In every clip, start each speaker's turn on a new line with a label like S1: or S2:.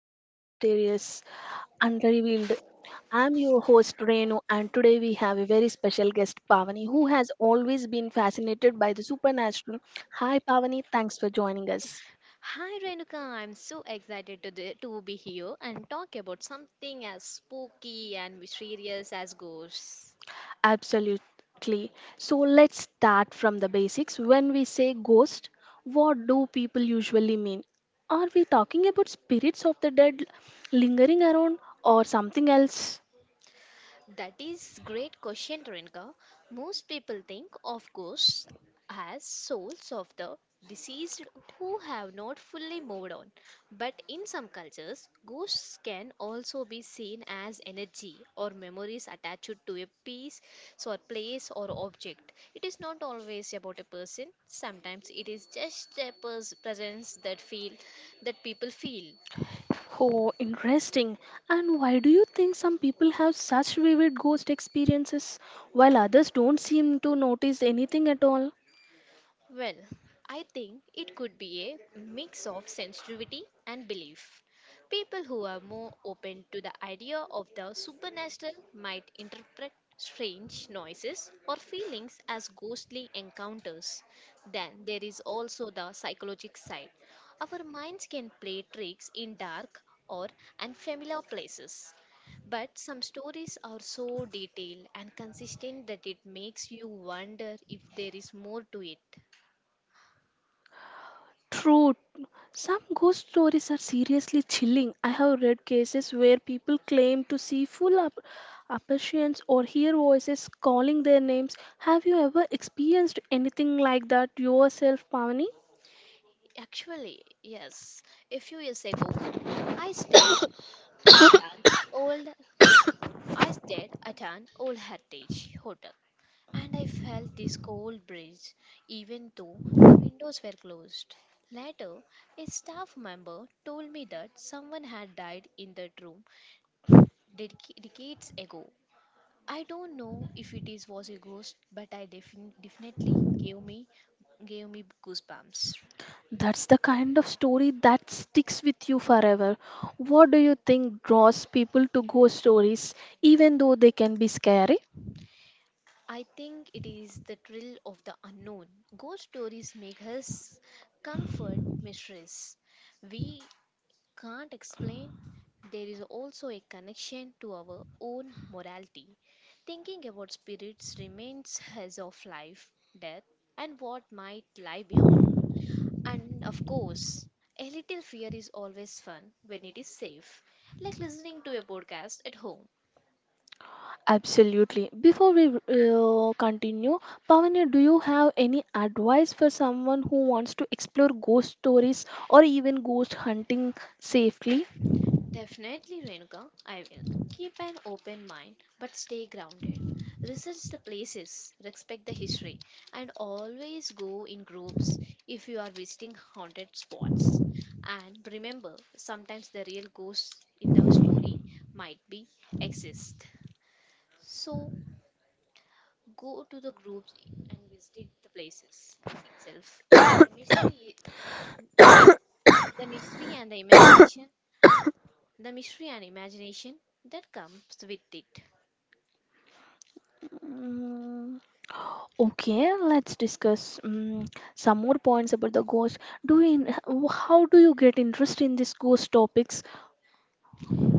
S1: episode of Mysterious Unrevealed. I'm your host Renu, and today we have a very special guest, Pavani, who has always been fascinated by the supernatural. Hi, Pavani, thanks for joining us.
S2: Hi Renuka, I'm so excited to be here and talk about something as spooky and mysterious as ghosts.
S1: Absolutely. So, let's start from the basics. When we say ghost, what do people usually mean? Are we talking about spirits of the dead lingering around or something else?
S2: That is great question, Renka. Most people think of ghosts as souls of the deceased who have not fully moved on. But in some cultures, ghosts can also be seen as energy or memories attached to a piece, so a place or object. It is not always about a person. Sometimes it is just a presence that people feel.
S1: Oh, interesting. And why do you think some people have such vivid ghost experiences while others don't seem to notice anything at all?
S2: Well, I think it could be a mix of sensitivity and belief. People who are more open to the idea of the supernatural might interpret strange noises or feelings as ghostly encounters. Then there is also the psychological side. Our minds can play tricks in dark or unfamiliar places. But some stories are so detailed and consistent that it makes you wonder if there is more to it.
S1: True, some ghost stories are seriously chilling. I have read cases where people claim to see apparitions or hear voices calling their names. Have you ever experienced anything like that yourself, Pavani?
S2: Actually, yes. A few years ago, I stayed at an old I stayed at an old heritage hotel and I felt this cold breeze even though the windows were closed. Later, a staff member told me that someone had died in that room decades ago. I don't know if it is was a ghost, but I definitely gave me goosebumps.
S1: That's the kind of story that sticks with you forever. What do you think draws people to ghost stories, even though they can be scary?
S2: I think it is the thrill of the unknown. Ghost stories make us comfort mysteries we can't explain. There is also a connection to our own morality. Thinking about spirits remains as of life, death, and what might lie beyond. And of course, a little fear is always fun when it is safe, like listening to a podcast at home.
S1: Absolutely. Before we continue, Pavani, do you have any advice for someone who wants to explore ghost stories or even ghost hunting safely?
S2: Definitely, Renuka, I will. Keep an open mind but stay grounded. Research the places, respect the history, and always go in groups if you are visiting haunted spots. And remember, sometimes the real ghosts in the story might be exist. So go to the group, see the place itself. The mystery and the imagination, the mystery and imagination that comes with it.
S1: Mm, Okay, let's discuss some more points about the ghost. Do you, how do you get interest in these ghost topics?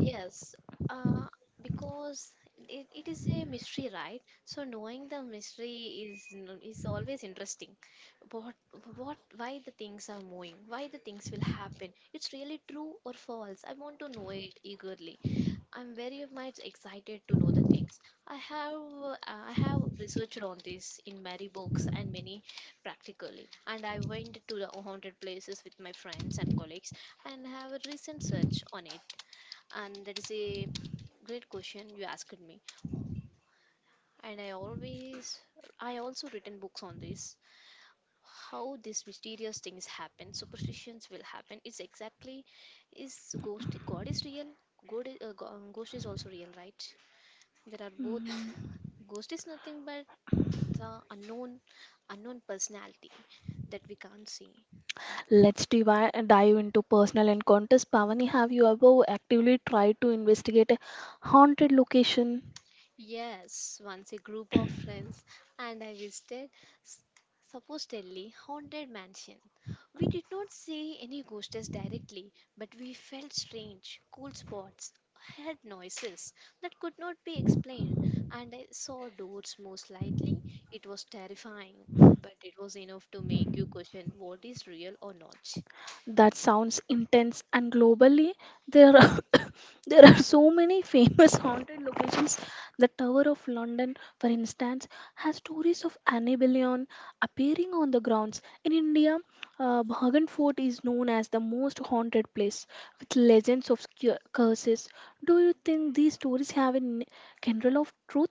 S2: Yes, uh, because it is a mystery, right? So knowing the mystery is always interesting. What what why the things are moving, why the things will happen. It's really true or false. I want to know it eagerly. I'm very much excited to know the things. I have uh, I have researched on this in many books and many practically, and I went to the haunted places with my friends and colleagues and have a recent search on it, and that is a great question you asked me, and I always I also written books on this, how these mysterious things happen, superstitions will happen. It's exactly is ghost. God is real. God ghost is also real, right? There are both.
S1: Mm.
S2: Ghost is nothing but the unknown personality that we can't see.
S1: Let's dive into personal encounters. Pavani, have you ever actively tried to investigate a haunted location?
S2: Yes, once a group of friends and I visited s- supposedly haunted mansion. We did not see any ghosts directly, but we felt strange, cool spots, heard noises that could not be explained, and I saw doors move slightly. It was terrifying, but it was enough to make you question what is real or not.
S1: That sounds intense, and globally, there are there are so many famous haunted locations. The Tower of London, for instance, has stories of Annabellion appearing on the grounds. In India, Bhagan Fort is known as the most haunted place, with legends of curses. Do you think these stories have a kernel of truth?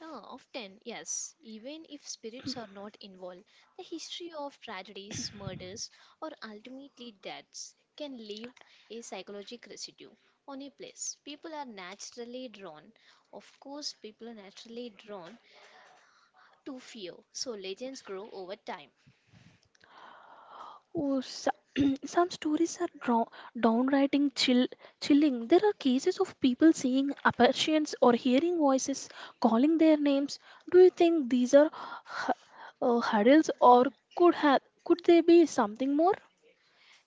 S2: Yeah, often, yes. Even if spirits are not involved, the history of tragedies, murders, or ultimately deaths can leave a psychological residue on a place. People are naturally drawn to fear, so legends grow over time.
S1: Oh, so- some stories are draw, downright chilling. There are cases of people seeing apparitions or hearing voices calling their names. Do you think these are hurdles or
S2: Mhm.
S1: could they be something more?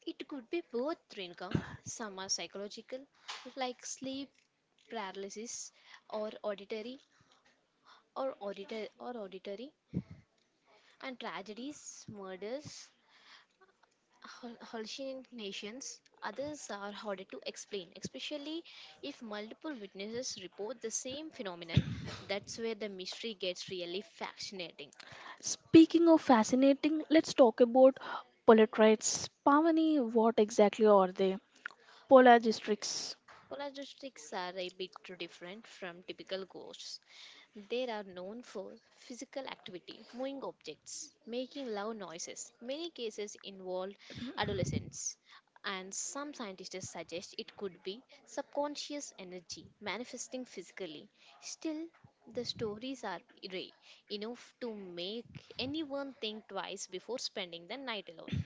S2: It could be both, Rinka. Some are psychological, like sleep paralysis, or auditory, or auditory, and tragedies, murders, hallucinations. Others are harder to explain, especially if multiple witnesses report the same phenomenon. That's where the mystery gets really fascinating.
S1: Speaking of fascinating, let's talk about polytrites. Pavani, what exactly are they? Polar
S2: Polaristics are a bit different from typical ghosts. They are known for physical activity, moving objects, making loud noises. Many cases involved adolescents, and some scientists suggest it could be subconscious energy manifesting physically. Still, the stories are rare enough to make anyone think twice before spending the night alone.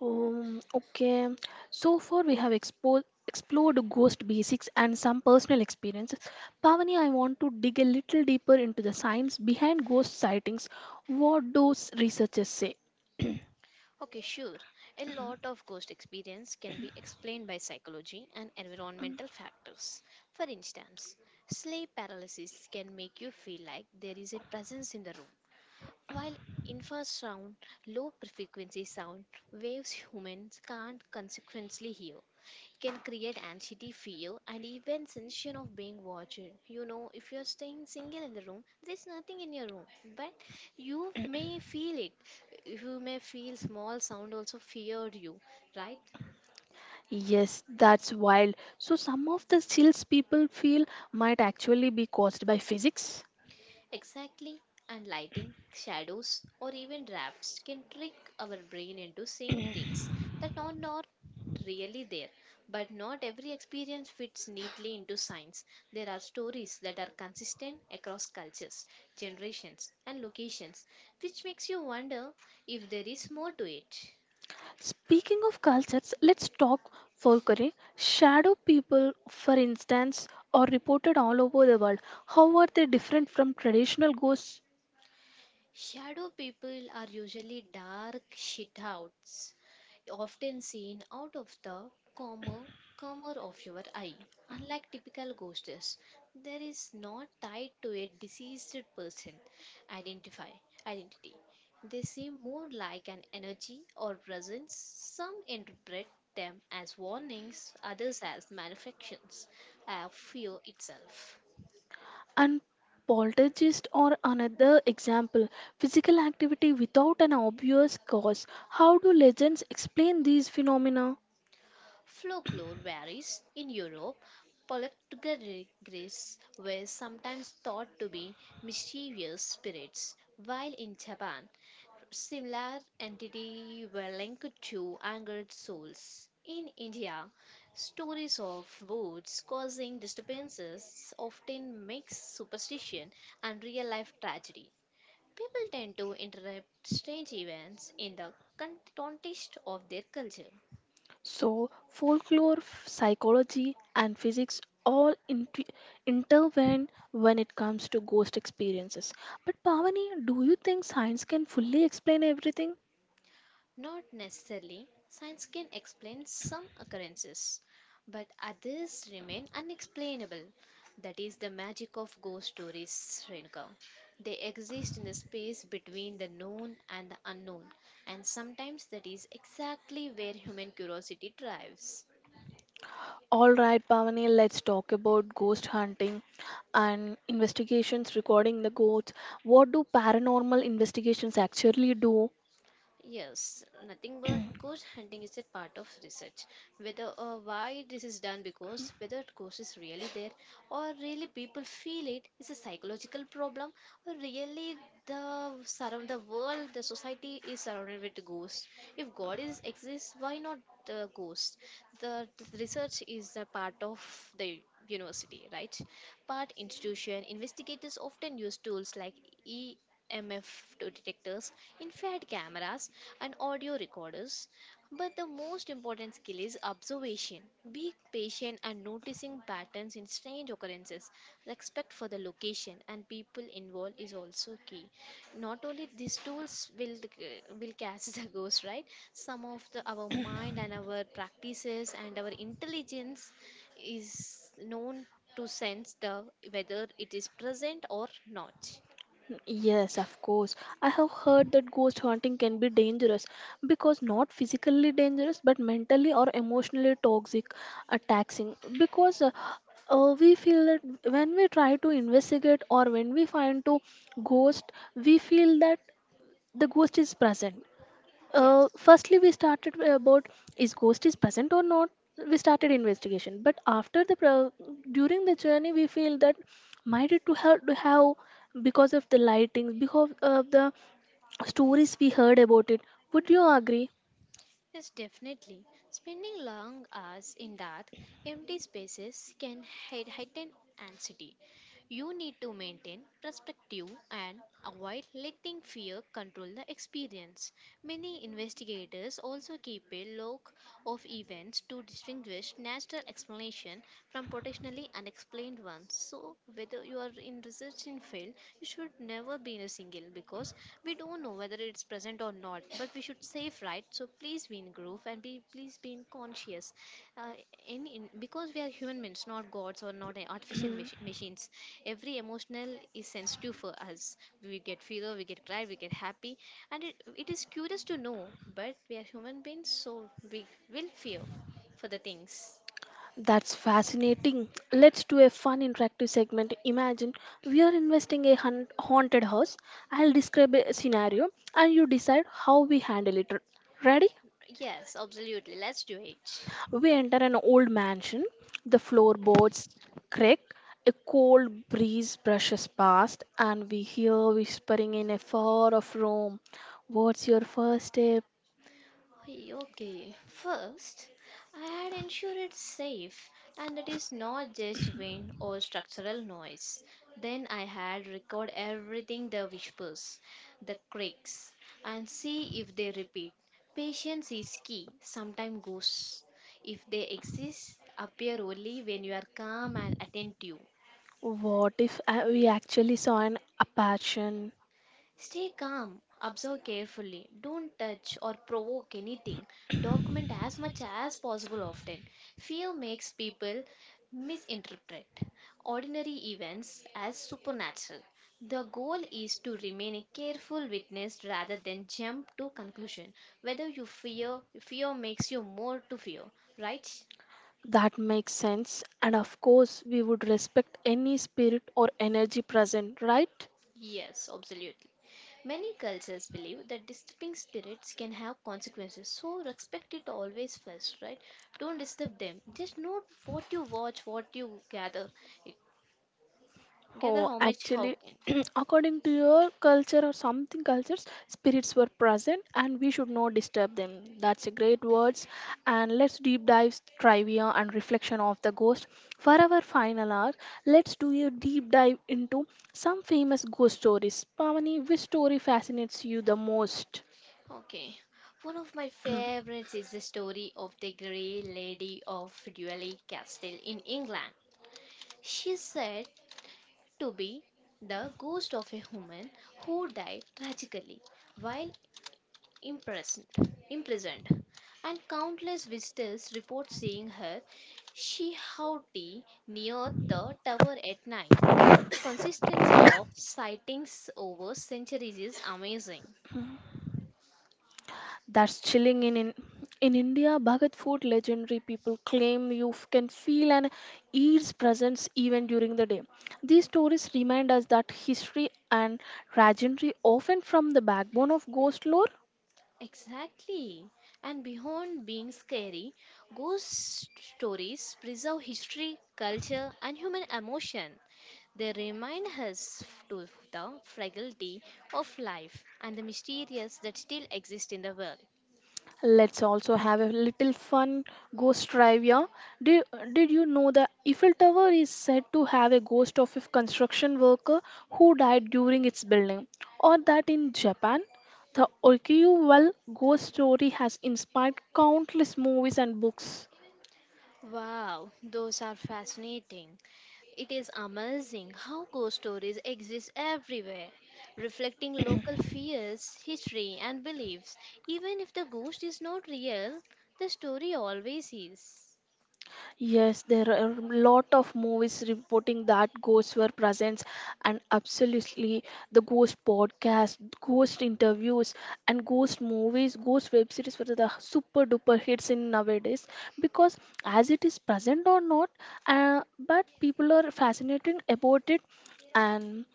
S1: Okay, so far we have explored ghost basics and some personal experiences. Pavani, I want to dig a little deeper into the science behind ghost sightings. What those researchers say?
S2: Okay, sure. A lot of ghost experience can be explained by psychology and environmental factors. For instance, sleep paralysis can make you feel like there is a presence in the room, while infrasound, low frequency sound waves humans can't consequently hear, can create anxiety, fear, and even sensation of being watched. You know, if you're staying single in the room, there's nothing in your room, but you may feel it. You may feel small sound also fear you, right?
S1: Yes, that's wild. So, some of the chills people feel might actually be caused by physics.
S2: Exactly, and lighting, shadows, or even drafts can trick our brain into seeing things that are not really there. But not every experience fits neatly into science. There are stories that are consistent across cultures, generations, and locations, which makes you wonder if there is more to it.
S1: Speaking of cultures, let's talk folklore. Shadow people, for instance, are reported all over the world. How are they different from traditional ghosts?
S2: Shadow people are usually dark shitouts, often seen out of the corner corner of your eye. Unlike typical ghosts, there is not tied to a deceased person identify identity. They seem more like an energy or presence. Some interpret them as warnings, others as manifestations of fear itself.
S1: And poltergeist or another example, physical activity without an obvious cause. How do legends explain these phenomena?
S2: Folklore varies. In Europe, poltergeists were sometimes thought to be mischievous spirits, while in Japan, similar entities were linked to angered souls. In India, stories of woods causing disturbances often mix superstition and real life tragedy. People tend to interpret strange events in the context of their culture.
S1: So, folklore, psychology, and physics all intervene when it comes to ghost experiences. But Pavani, do you think science can fully explain everything?
S2: Not necessarily. Science can explain some occurrences, but others remain unexplainable. That is the magic of ghost stories, Renuka. They exist in the space between the known and the unknown. And sometimes that is exactly where human curiosity thrives.
S1: All right, Pavani, let's talk about ghost hunting and investigations regarding the ghosts. What do paranormal investigations actually do?
S2: Yes, nothing but ghost hunting is a part of research. Whether why this is done, because whether ghost is really there, or really people feel it is a psychological problem, or really the surround the world, the society is surrounded with ghosts. If god is exists, why not the ghosts? The research is a part of the university, right? Part institution investigators often use tools like EMF to detectors, infrared cameras, and audio recorders, but the most important skill is observation. Being patient and noticing patterns in strange occurrences. Respect for the location and people involved is also key. Not only these tools will catch the ghost, right? Some of the our mind and our practices and our intelligence is known to sense the whether it is present or not.
S1: Yes, of course. I have heard that ghost hunting can be dangerous because not physically dangerous but mentally or emotionally toxic, taxing. Because we feel that when we try to investigate or when we find to ghost, we feel that the ghost is present
S2: Yes.
S1: firstly we started about is ghost is present or not, we started investigation but during the journey we feel that might it to have, because of the lightings, because of the stories we heard about it. Would you agree?
S2: Yes, definitely. Spending long hours in dark, empty spaces can heighten anxiety. You need to maintain perspective and avoid letting fear control the experience. Many investigators also keep a log of events to distinguish natural explanation from potentially unexplained ones. So whether you are in research in field, you should never be in a single, because we don't know whether it's present or not. But we should save, right? So please be in groove and be please be in conscious, uh, in, because we are human beings, not gods or not artificial machines. Every emotional is sensitive for us. We get fever, we get cry, we get happy, and it is curious to know, but we are human beings, so we will feel for the things.
S1: That's fascinating. Let's do a fun interactive segment. Imagine we are investing a haunted house. I'll describe a scenario and you decide how we handle it. Ready?
S2: Yes, absolutely, let's do it.
S1: We enter an old mansion. The floorboards crack, a cold breeze brushes past, and we hear whispering in a far off room. What's your first step?
S2: Hey, okay, first, I had ensured it's safe and it is not just wind or structural noise. Then I had record everything, the whispers, the creaks, and see if they repeat. Patience is key, sometimes ghosts, if they exist, appear only when you are calm and attentive.
S1: What if we actually saw an apparition?
S2: Stay calm, observe carefully, don't touch or provoke anything, document as much as possible often. Fear makes people misinterpret ordinary events as supernatural. The goal is to remain a careful witness rather than jump to conclusion. Whether you fear makes you more to fear, right?
S1: That makes sense, and of course, we would respect any spirit or energy present, right?
S2: Yes, absolutely. Many cultures believe that disturbing spirits can have consequences, so respect it always first, right? Don't disturb them. Just note what you watch, what you gather. It gather
S1: Oh,
S2: how much how
S1: actually,
S2: can.
S1: according to your culture or something cultures, spirits were present and we should not disturb them. That's a great words. And let's deep dive trivia and reflection of the ghost. For our final hour, let's do a deep dive into some famous ghost stories. Pamani, which story fascinates you the most?
S2: Okay. One of my favorites is the story of the Grey Lady of Dually Castle in England. She said to be the ghost of a woman who died tragically while imprisoned. imprisoned. And countless visitors report seeing her shihauti near the tower at night. The consistency of sightings over centuries is amazing.
S1: That's chilling. In India, Bhagat food legendary, people claim you can feel and eat's presence even during the day. These stories remind us that history and legendary often from the backbone of ghost lore.
S2: Exactly. And beyond being scary, ghost stories preserve history, culture, and human emotion. They remind us to the fragility of life and the mysterious that still exist in the world.
S1: Let's also have a little fun ghost trivia. Did, did you know the Eiffel Tower is said to have a ghost of a construction worker who died during its building? Or that in Japan, the Okiuwal ghost story has inspired countless movies and books.
S2: Wow, those are fascinating. It is amazing how ghost stories exist everywhere, reflecting local fears, history, and beliefs. Even if the ghost is not real, the story always is.
S1: Yes, there are a lot of movies reporting that ghosts were present, and absolutely the ghost podcast, ghost interviews, and ghost movies, ghost web series were the super duper hits in nowadays, because as it is present or not, but people are fascinated about it, and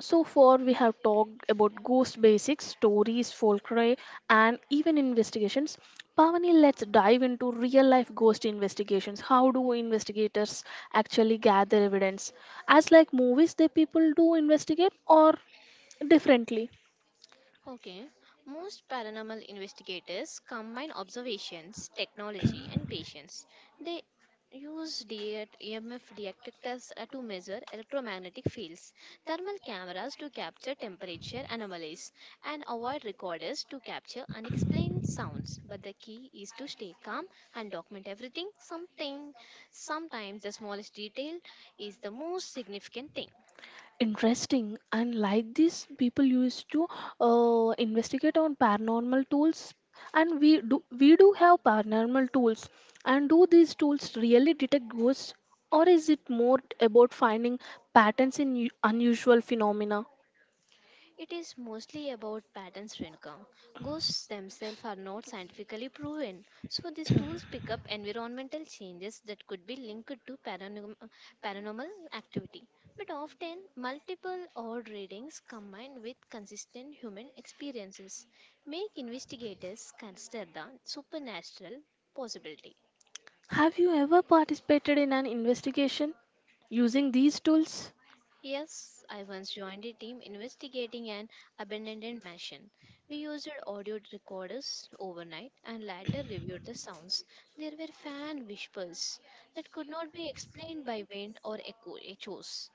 S1: so far, we have talked about ghost basics, stories, folklore, and even investigations. Pavani, let's dive into real life ghost investigations. How do investigators actually gather evidence? As like movies, the people do investigate or differently?
S2: Okay, most paranormal investigators combine observations, technology, and patience. They use DA EMF detectors to measure electromagnetic fields, thermal cameras to capture temperature anomalies, and avoid recorders to capture unexplained sounds. But the key is to stay calm and document everything. Sometimes the smallest detail is the most significant thing.
S1: Interesting. And like this, people used to investigate on paranormal tools, and we do have paranormal tools. And do these tools really detect ghosts, or is it more about finding patterns in unusual phenomena?
S2: It is mostly about patterns, Renuka. Ghosts themselves are not scientifically proven, so these tools pick up environmental changes that could be linked to paranormal activity. But often, multiple odd readings combined with consistent human experiences make investigators consider the supernatural possibility.
S1: Have you ever participated in an investigation using these tools?
S2: Yes, I once joined a team investigating an abandoned mansion. We used audio recorders overnight and later reviewed the sounds. There were fan whispers that could not be explained by wind or echoes.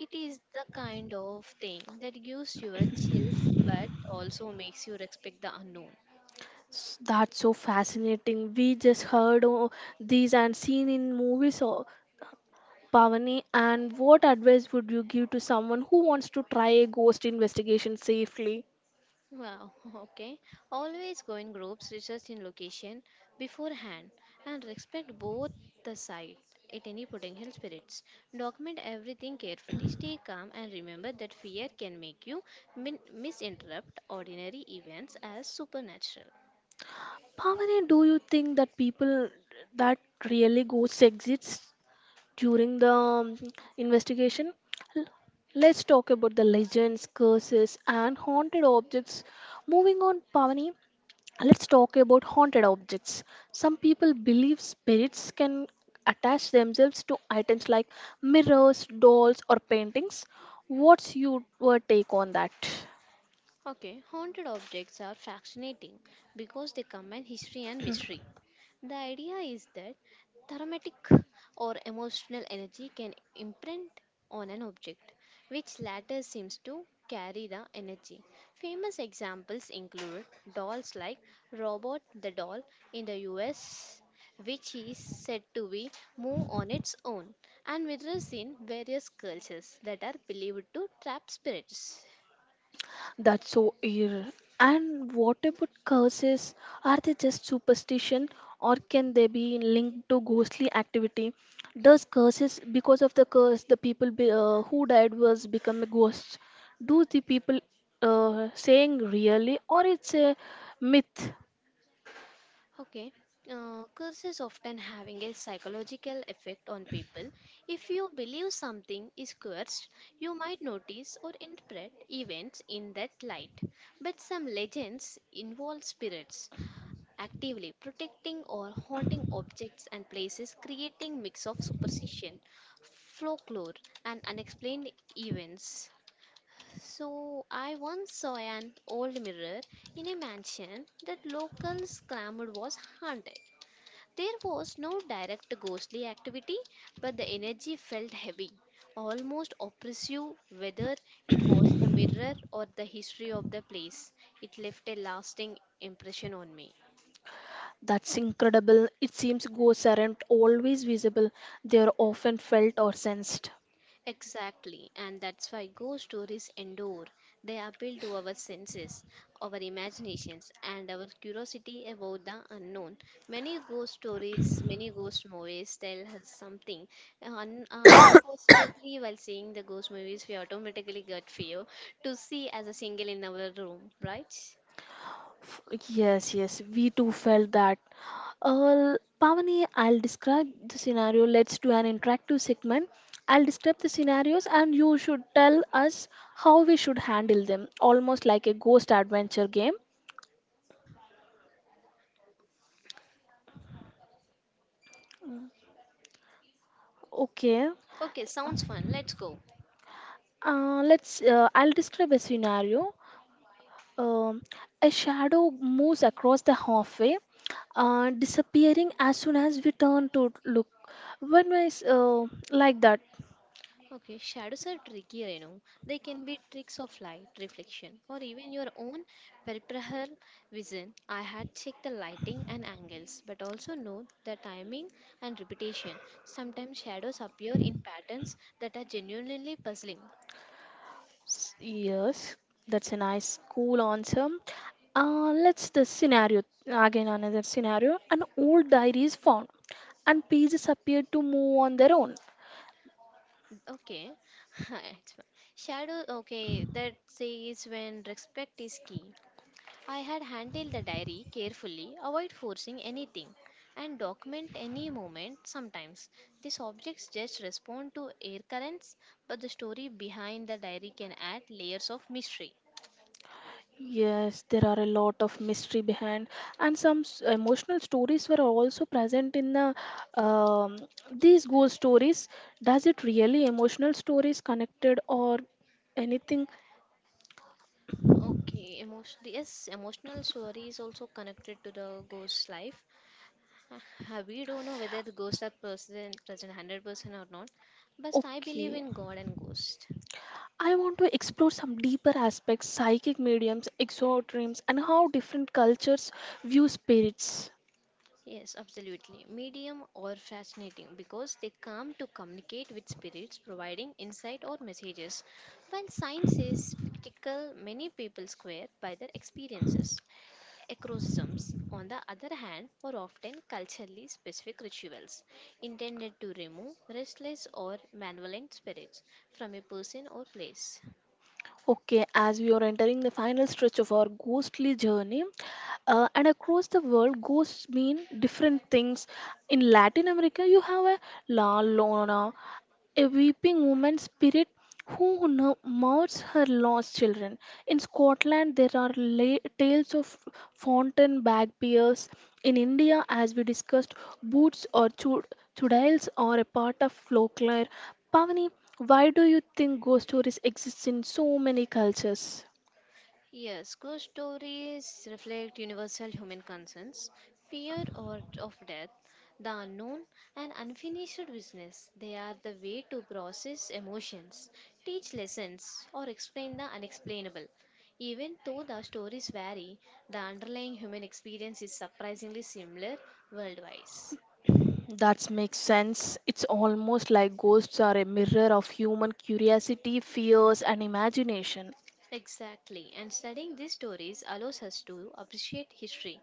S2: It is the kind of thing that gives you a chills but also makes you respect the unknown.
S1: That's so fascinating. We just heard these and seen in movies. Pavani, and what advice would you give to someone who wants to try a ghost investigation safely?
S2: Wow, okay. Always go in groups, research in location beforehand, and respect both the side at any potential spirits. Document everything carefully, stay calm, and remember that fear can make you misinterpret ordinary events as supernatural.
S1: Pavani, do you think that people that really ghosts exist during the investigation? L- Let's talk about the legends, curses, and haunted objects. Moving on, Pavani, let's talk about haunted objects. Some people believe spirits can attach themselves to items like mirrors, dolls, or paintings. What's your take on that?
S2: Okay, haunted objects are fascinating because they combine history and mystery. The idea is that thermatic or emotional energy can imprint on an object, which latter seems to carry the energy. Famous examples include dolls like Robot the Doll in the US, which is said to be move on its own, and mirrors in various cultures that are believed to trap spirits.
S1: That's so eerie. And what about curses? Are they just superstition or can they be linked to ghostly activity? Does curses, because of the curse, the people be, who died was become a ghost? Do the people saying really or it's a myth?
S2: Okay, curses often having a psychological effect on people. If you believe something is cursed, you might notice or interpret events in that light. But some legends involve spirits actively protecting or haunting objects and places, creating mix of superstition, folklore, and unexplained events. So, I once saw an old mirror in a mansion that locals clamored was haunted. There was no direct ghostly activity, but the energy felt heavy, almost oppressive, whether it was the mirror or the history of the place. It left a lasting impression on me.
S1: That's incredible. It seems ghosts aren't always visible. They are often felt or sensed.
S2: Exactly, and that's why ghost stories endure. They appeal to our senses, our imaginations, and our curiosity about the unknown. Many ghost stories, many ghost movies tell us something. uh, Un- uh, unfortunately, while seeing the ghost movies, we automatically get fear to see as a single in our room, right?
S1: Yes, yes, we too felt that. Uh, Pavani, I'll describe the scenario. Let's do an interactive segment. I'll describe the scenarios and you should tell us how we should handle them, almost like a ghost adventure game. Okay.
S2: Okay, sounds fun. Let's go.
S1: Let's. I'll describe a scenario. Um, a shadow moves across the halfway, disappearing as soon as we turn to look. When I s- uh, like that.
S2: Okay, shadows are tricky, Renu. They can be tricks of light, reflection, or even your own peripheral vision. I had checked the lighting and angles, but also note the timing and repetition. Sometimes shadows appear in patterns that are genuinely puzzling.
S1: Yes, that's a nice, cool answer. Let's the scenario again, another scenario. An old diary is found, and pages appear to move on their own.
S2: Okay, it's fine. Shadow. Okay, that says when respect is key. I had handled the diary carefully, avoid forcing anything, and document any moment. Sometimes the subjects just respond to air currents, but the story behind the diary can add layers of mystery.
S1: Yes, there are a lot of mystery behind, and some emotional stories were also present in the um, these ghost stories. Does it really emotional stories connected or anything?
S2: Okay, emotion. Yes, emotional story is also connected to the ghost's life. Uh, We don't know whether the ghosts are present 100% or not, but I believe
S1: Okay.
S2: in God and ghosts.
S1: I want to explore some deeper aspects, psychic mediums, exorcisms, and how different cultures view spirits.
S2: Yes, absolutely. Medium or fascinating because they come to communicate with spirits, providing insight or messages. While science is skeptical, many people swear by their experiences. Exorcisms, on the other hand, are often culturally specific rituals intended to remove restless or malevolent spirits from a person or place.
S1: Okay, as we are entering the final stretch of our ghostly journey, and across the world, ghosts mean different things. In Latin America, you have a la lona, a weeping woman's spirit who now mourns her lost children. In Scotland, there are tales of fountain bagpipes. In India, as we discussed, boots or chudails are a part of folklore. Pavani, why do you think ghost stories exist in so many cultures?
S2: Yes, ghost stories reflect universal human concerns fear or of death, the unknown, and unfinished business. They are the way to process emotions, teach lessons, or explain the unexplainable. Even though the stories vary, the underlying human experience is surprisingly similar worldwide.
S1: That makes sense. It's almost like ghosts are a mirror of human curiosity, fears, and imagination.
S2: Exactly, and studying these stories allows us to appreciate history,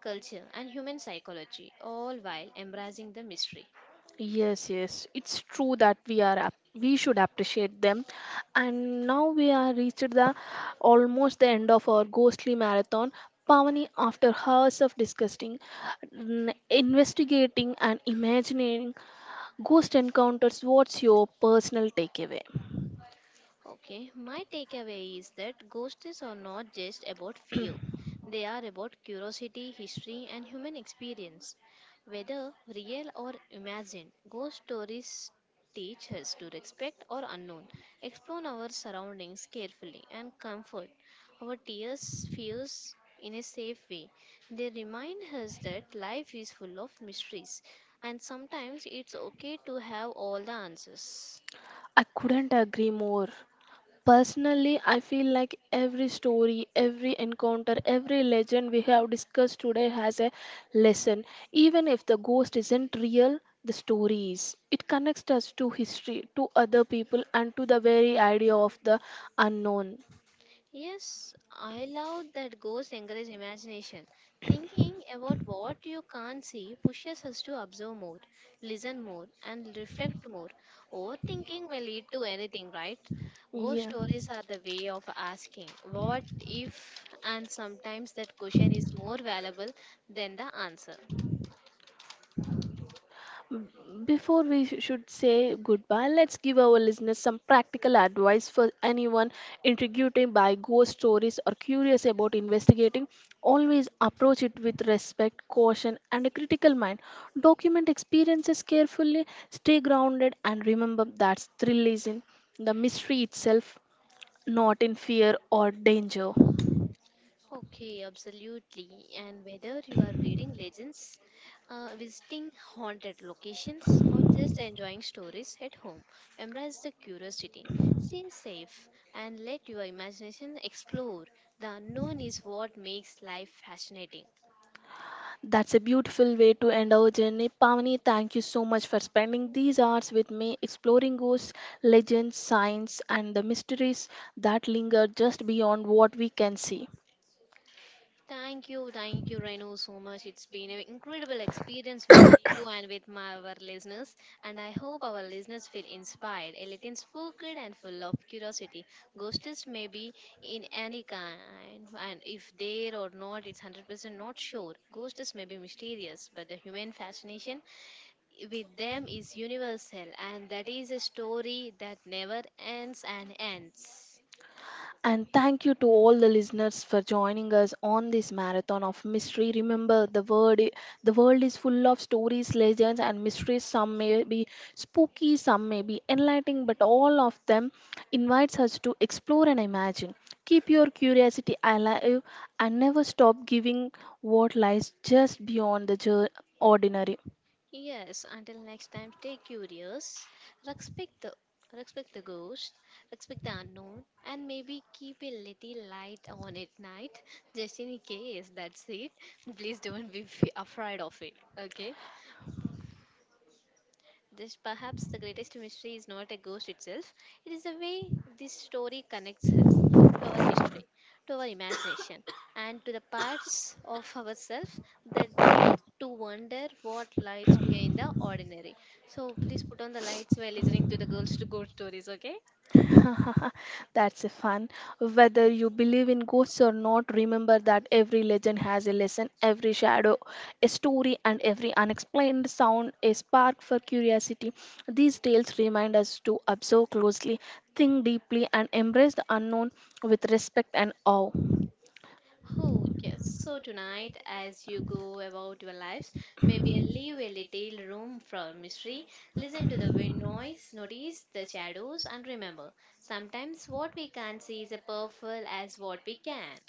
S2: culture, and human psychology, all while embracing the mystery.
S1: Yes, yes, it's true that we should appreciate them, and now we are reached the almost the end of our ghostly marathon. Pavani, after hours of discussing, investigating, and imagining ghost encounters, what's your personal takeaway?
S2: Okay, my takeaway is that ghosts are not just about fear. They are about curiosity, history, and human experience. Whether real or imagined, ghost stories teach us to respect our unknown, explore our surroundings carefully, and comfort our tears, fears in a safe way. They remind us that life is full of mysteries, and sometimes it's okay to have all the answers.
S1: I couldn't agree more. Personally, I feel like every story, every encounter, every legend we have discussed today has a lesson. Even if the ghost isn't real, the story is. It connects us to history, to other people, and to the very idea of the unknown.
S2: Yes, I love that ghosts encourage imagination. Thinking about what you can't see pushes us to observe more, listen more, and reflect more. Overthinking may lead to anything, right? Ghost
S1: Yeah.
S2: stories are the way of asking what if, and sometimes that question is more valuable than the answer.
S1: B- Before should say goodbye, let's give our listeners some practical advice for anyone intrigued by ghost stories or curious about investigating. Always approach it with respect, caution, and a critical mind. Document experiences carefully, stay grounded, and remember that thrill is in the mystery itself, not in fear or danger.
S2: Okay, absolutely. And whether you are reading legends, visiting haunted locations, or just enjoying stories at home, embrace the curiosity, stay safe, and let your imagination explore. The unknown is what makes life fascinating.
S1: That's a beautiful way to end our journey. Pavani, thank you so much for spending these hours with me exploring ghosts, legends, science, and the mysteries that linger just beyond what we can see.
S2: Thank you, Renu, so much. It's been an incredible experience with you and with my our listeners, and I hope our listeners feel inspired, a little spooked, and full of curiosity. Ghosts may be in any kind, and if there or not, it's 100% not sure. Ghosts may be mysterious, but the human fascination with them is universal, and that is a story that never ends and ends.
S1: And thank you to all the listeners for joining us on this marathon of mystery. Remember, the world is full of stories, legends, and mysteries. Some may be spooky, some may be enlightening, but all of them invites us to explore and imagine. Keep your curiosity alive and never stop giving what lies just beyond the ordinary.
S2: Yes, until next time, stay curious, respect the respect the ghost, respect the unknown, and maybe keep a little light on at night, just in case. That's it. Please don't be afraid of it. Okay. This perhaps the greatest mystery is not a ghost itself, it is the way this story connects us to our history, to our imagination, and to the parts of ourselves the day to wonder what lies behind the ordinary. So please put on the lights while listening to the girls to go stories, okay?
S1: That's a fun. Whether you believe in ghosts or not, remember that every legend has a lesson, every shadow a story, and every unexplained sound a spark for curiosity. These tales remind us to observe closely, think deeply, and embrace the unknown with respect and awe.
S2: Oh, yes. So tonight, as you go about your lives, maybe leave a little room for mystery. Listen to the wind noise, notice the shadows, and remember sometimes what we can't see is as powerful as what we can.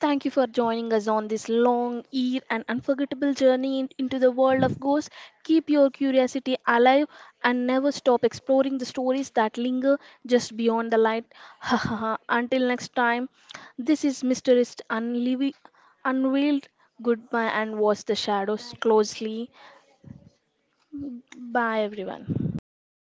S1: Thank you for joining us on this long, year and unforgettable journey into the world of ghosts. Keep your curiosity alive and never stop exploring the stories that linger just beyond the light. Until next time, this is Unveiled. Goodbye and watch the shadows closely. Bye, everyone.
S2: Bye bye. Bye.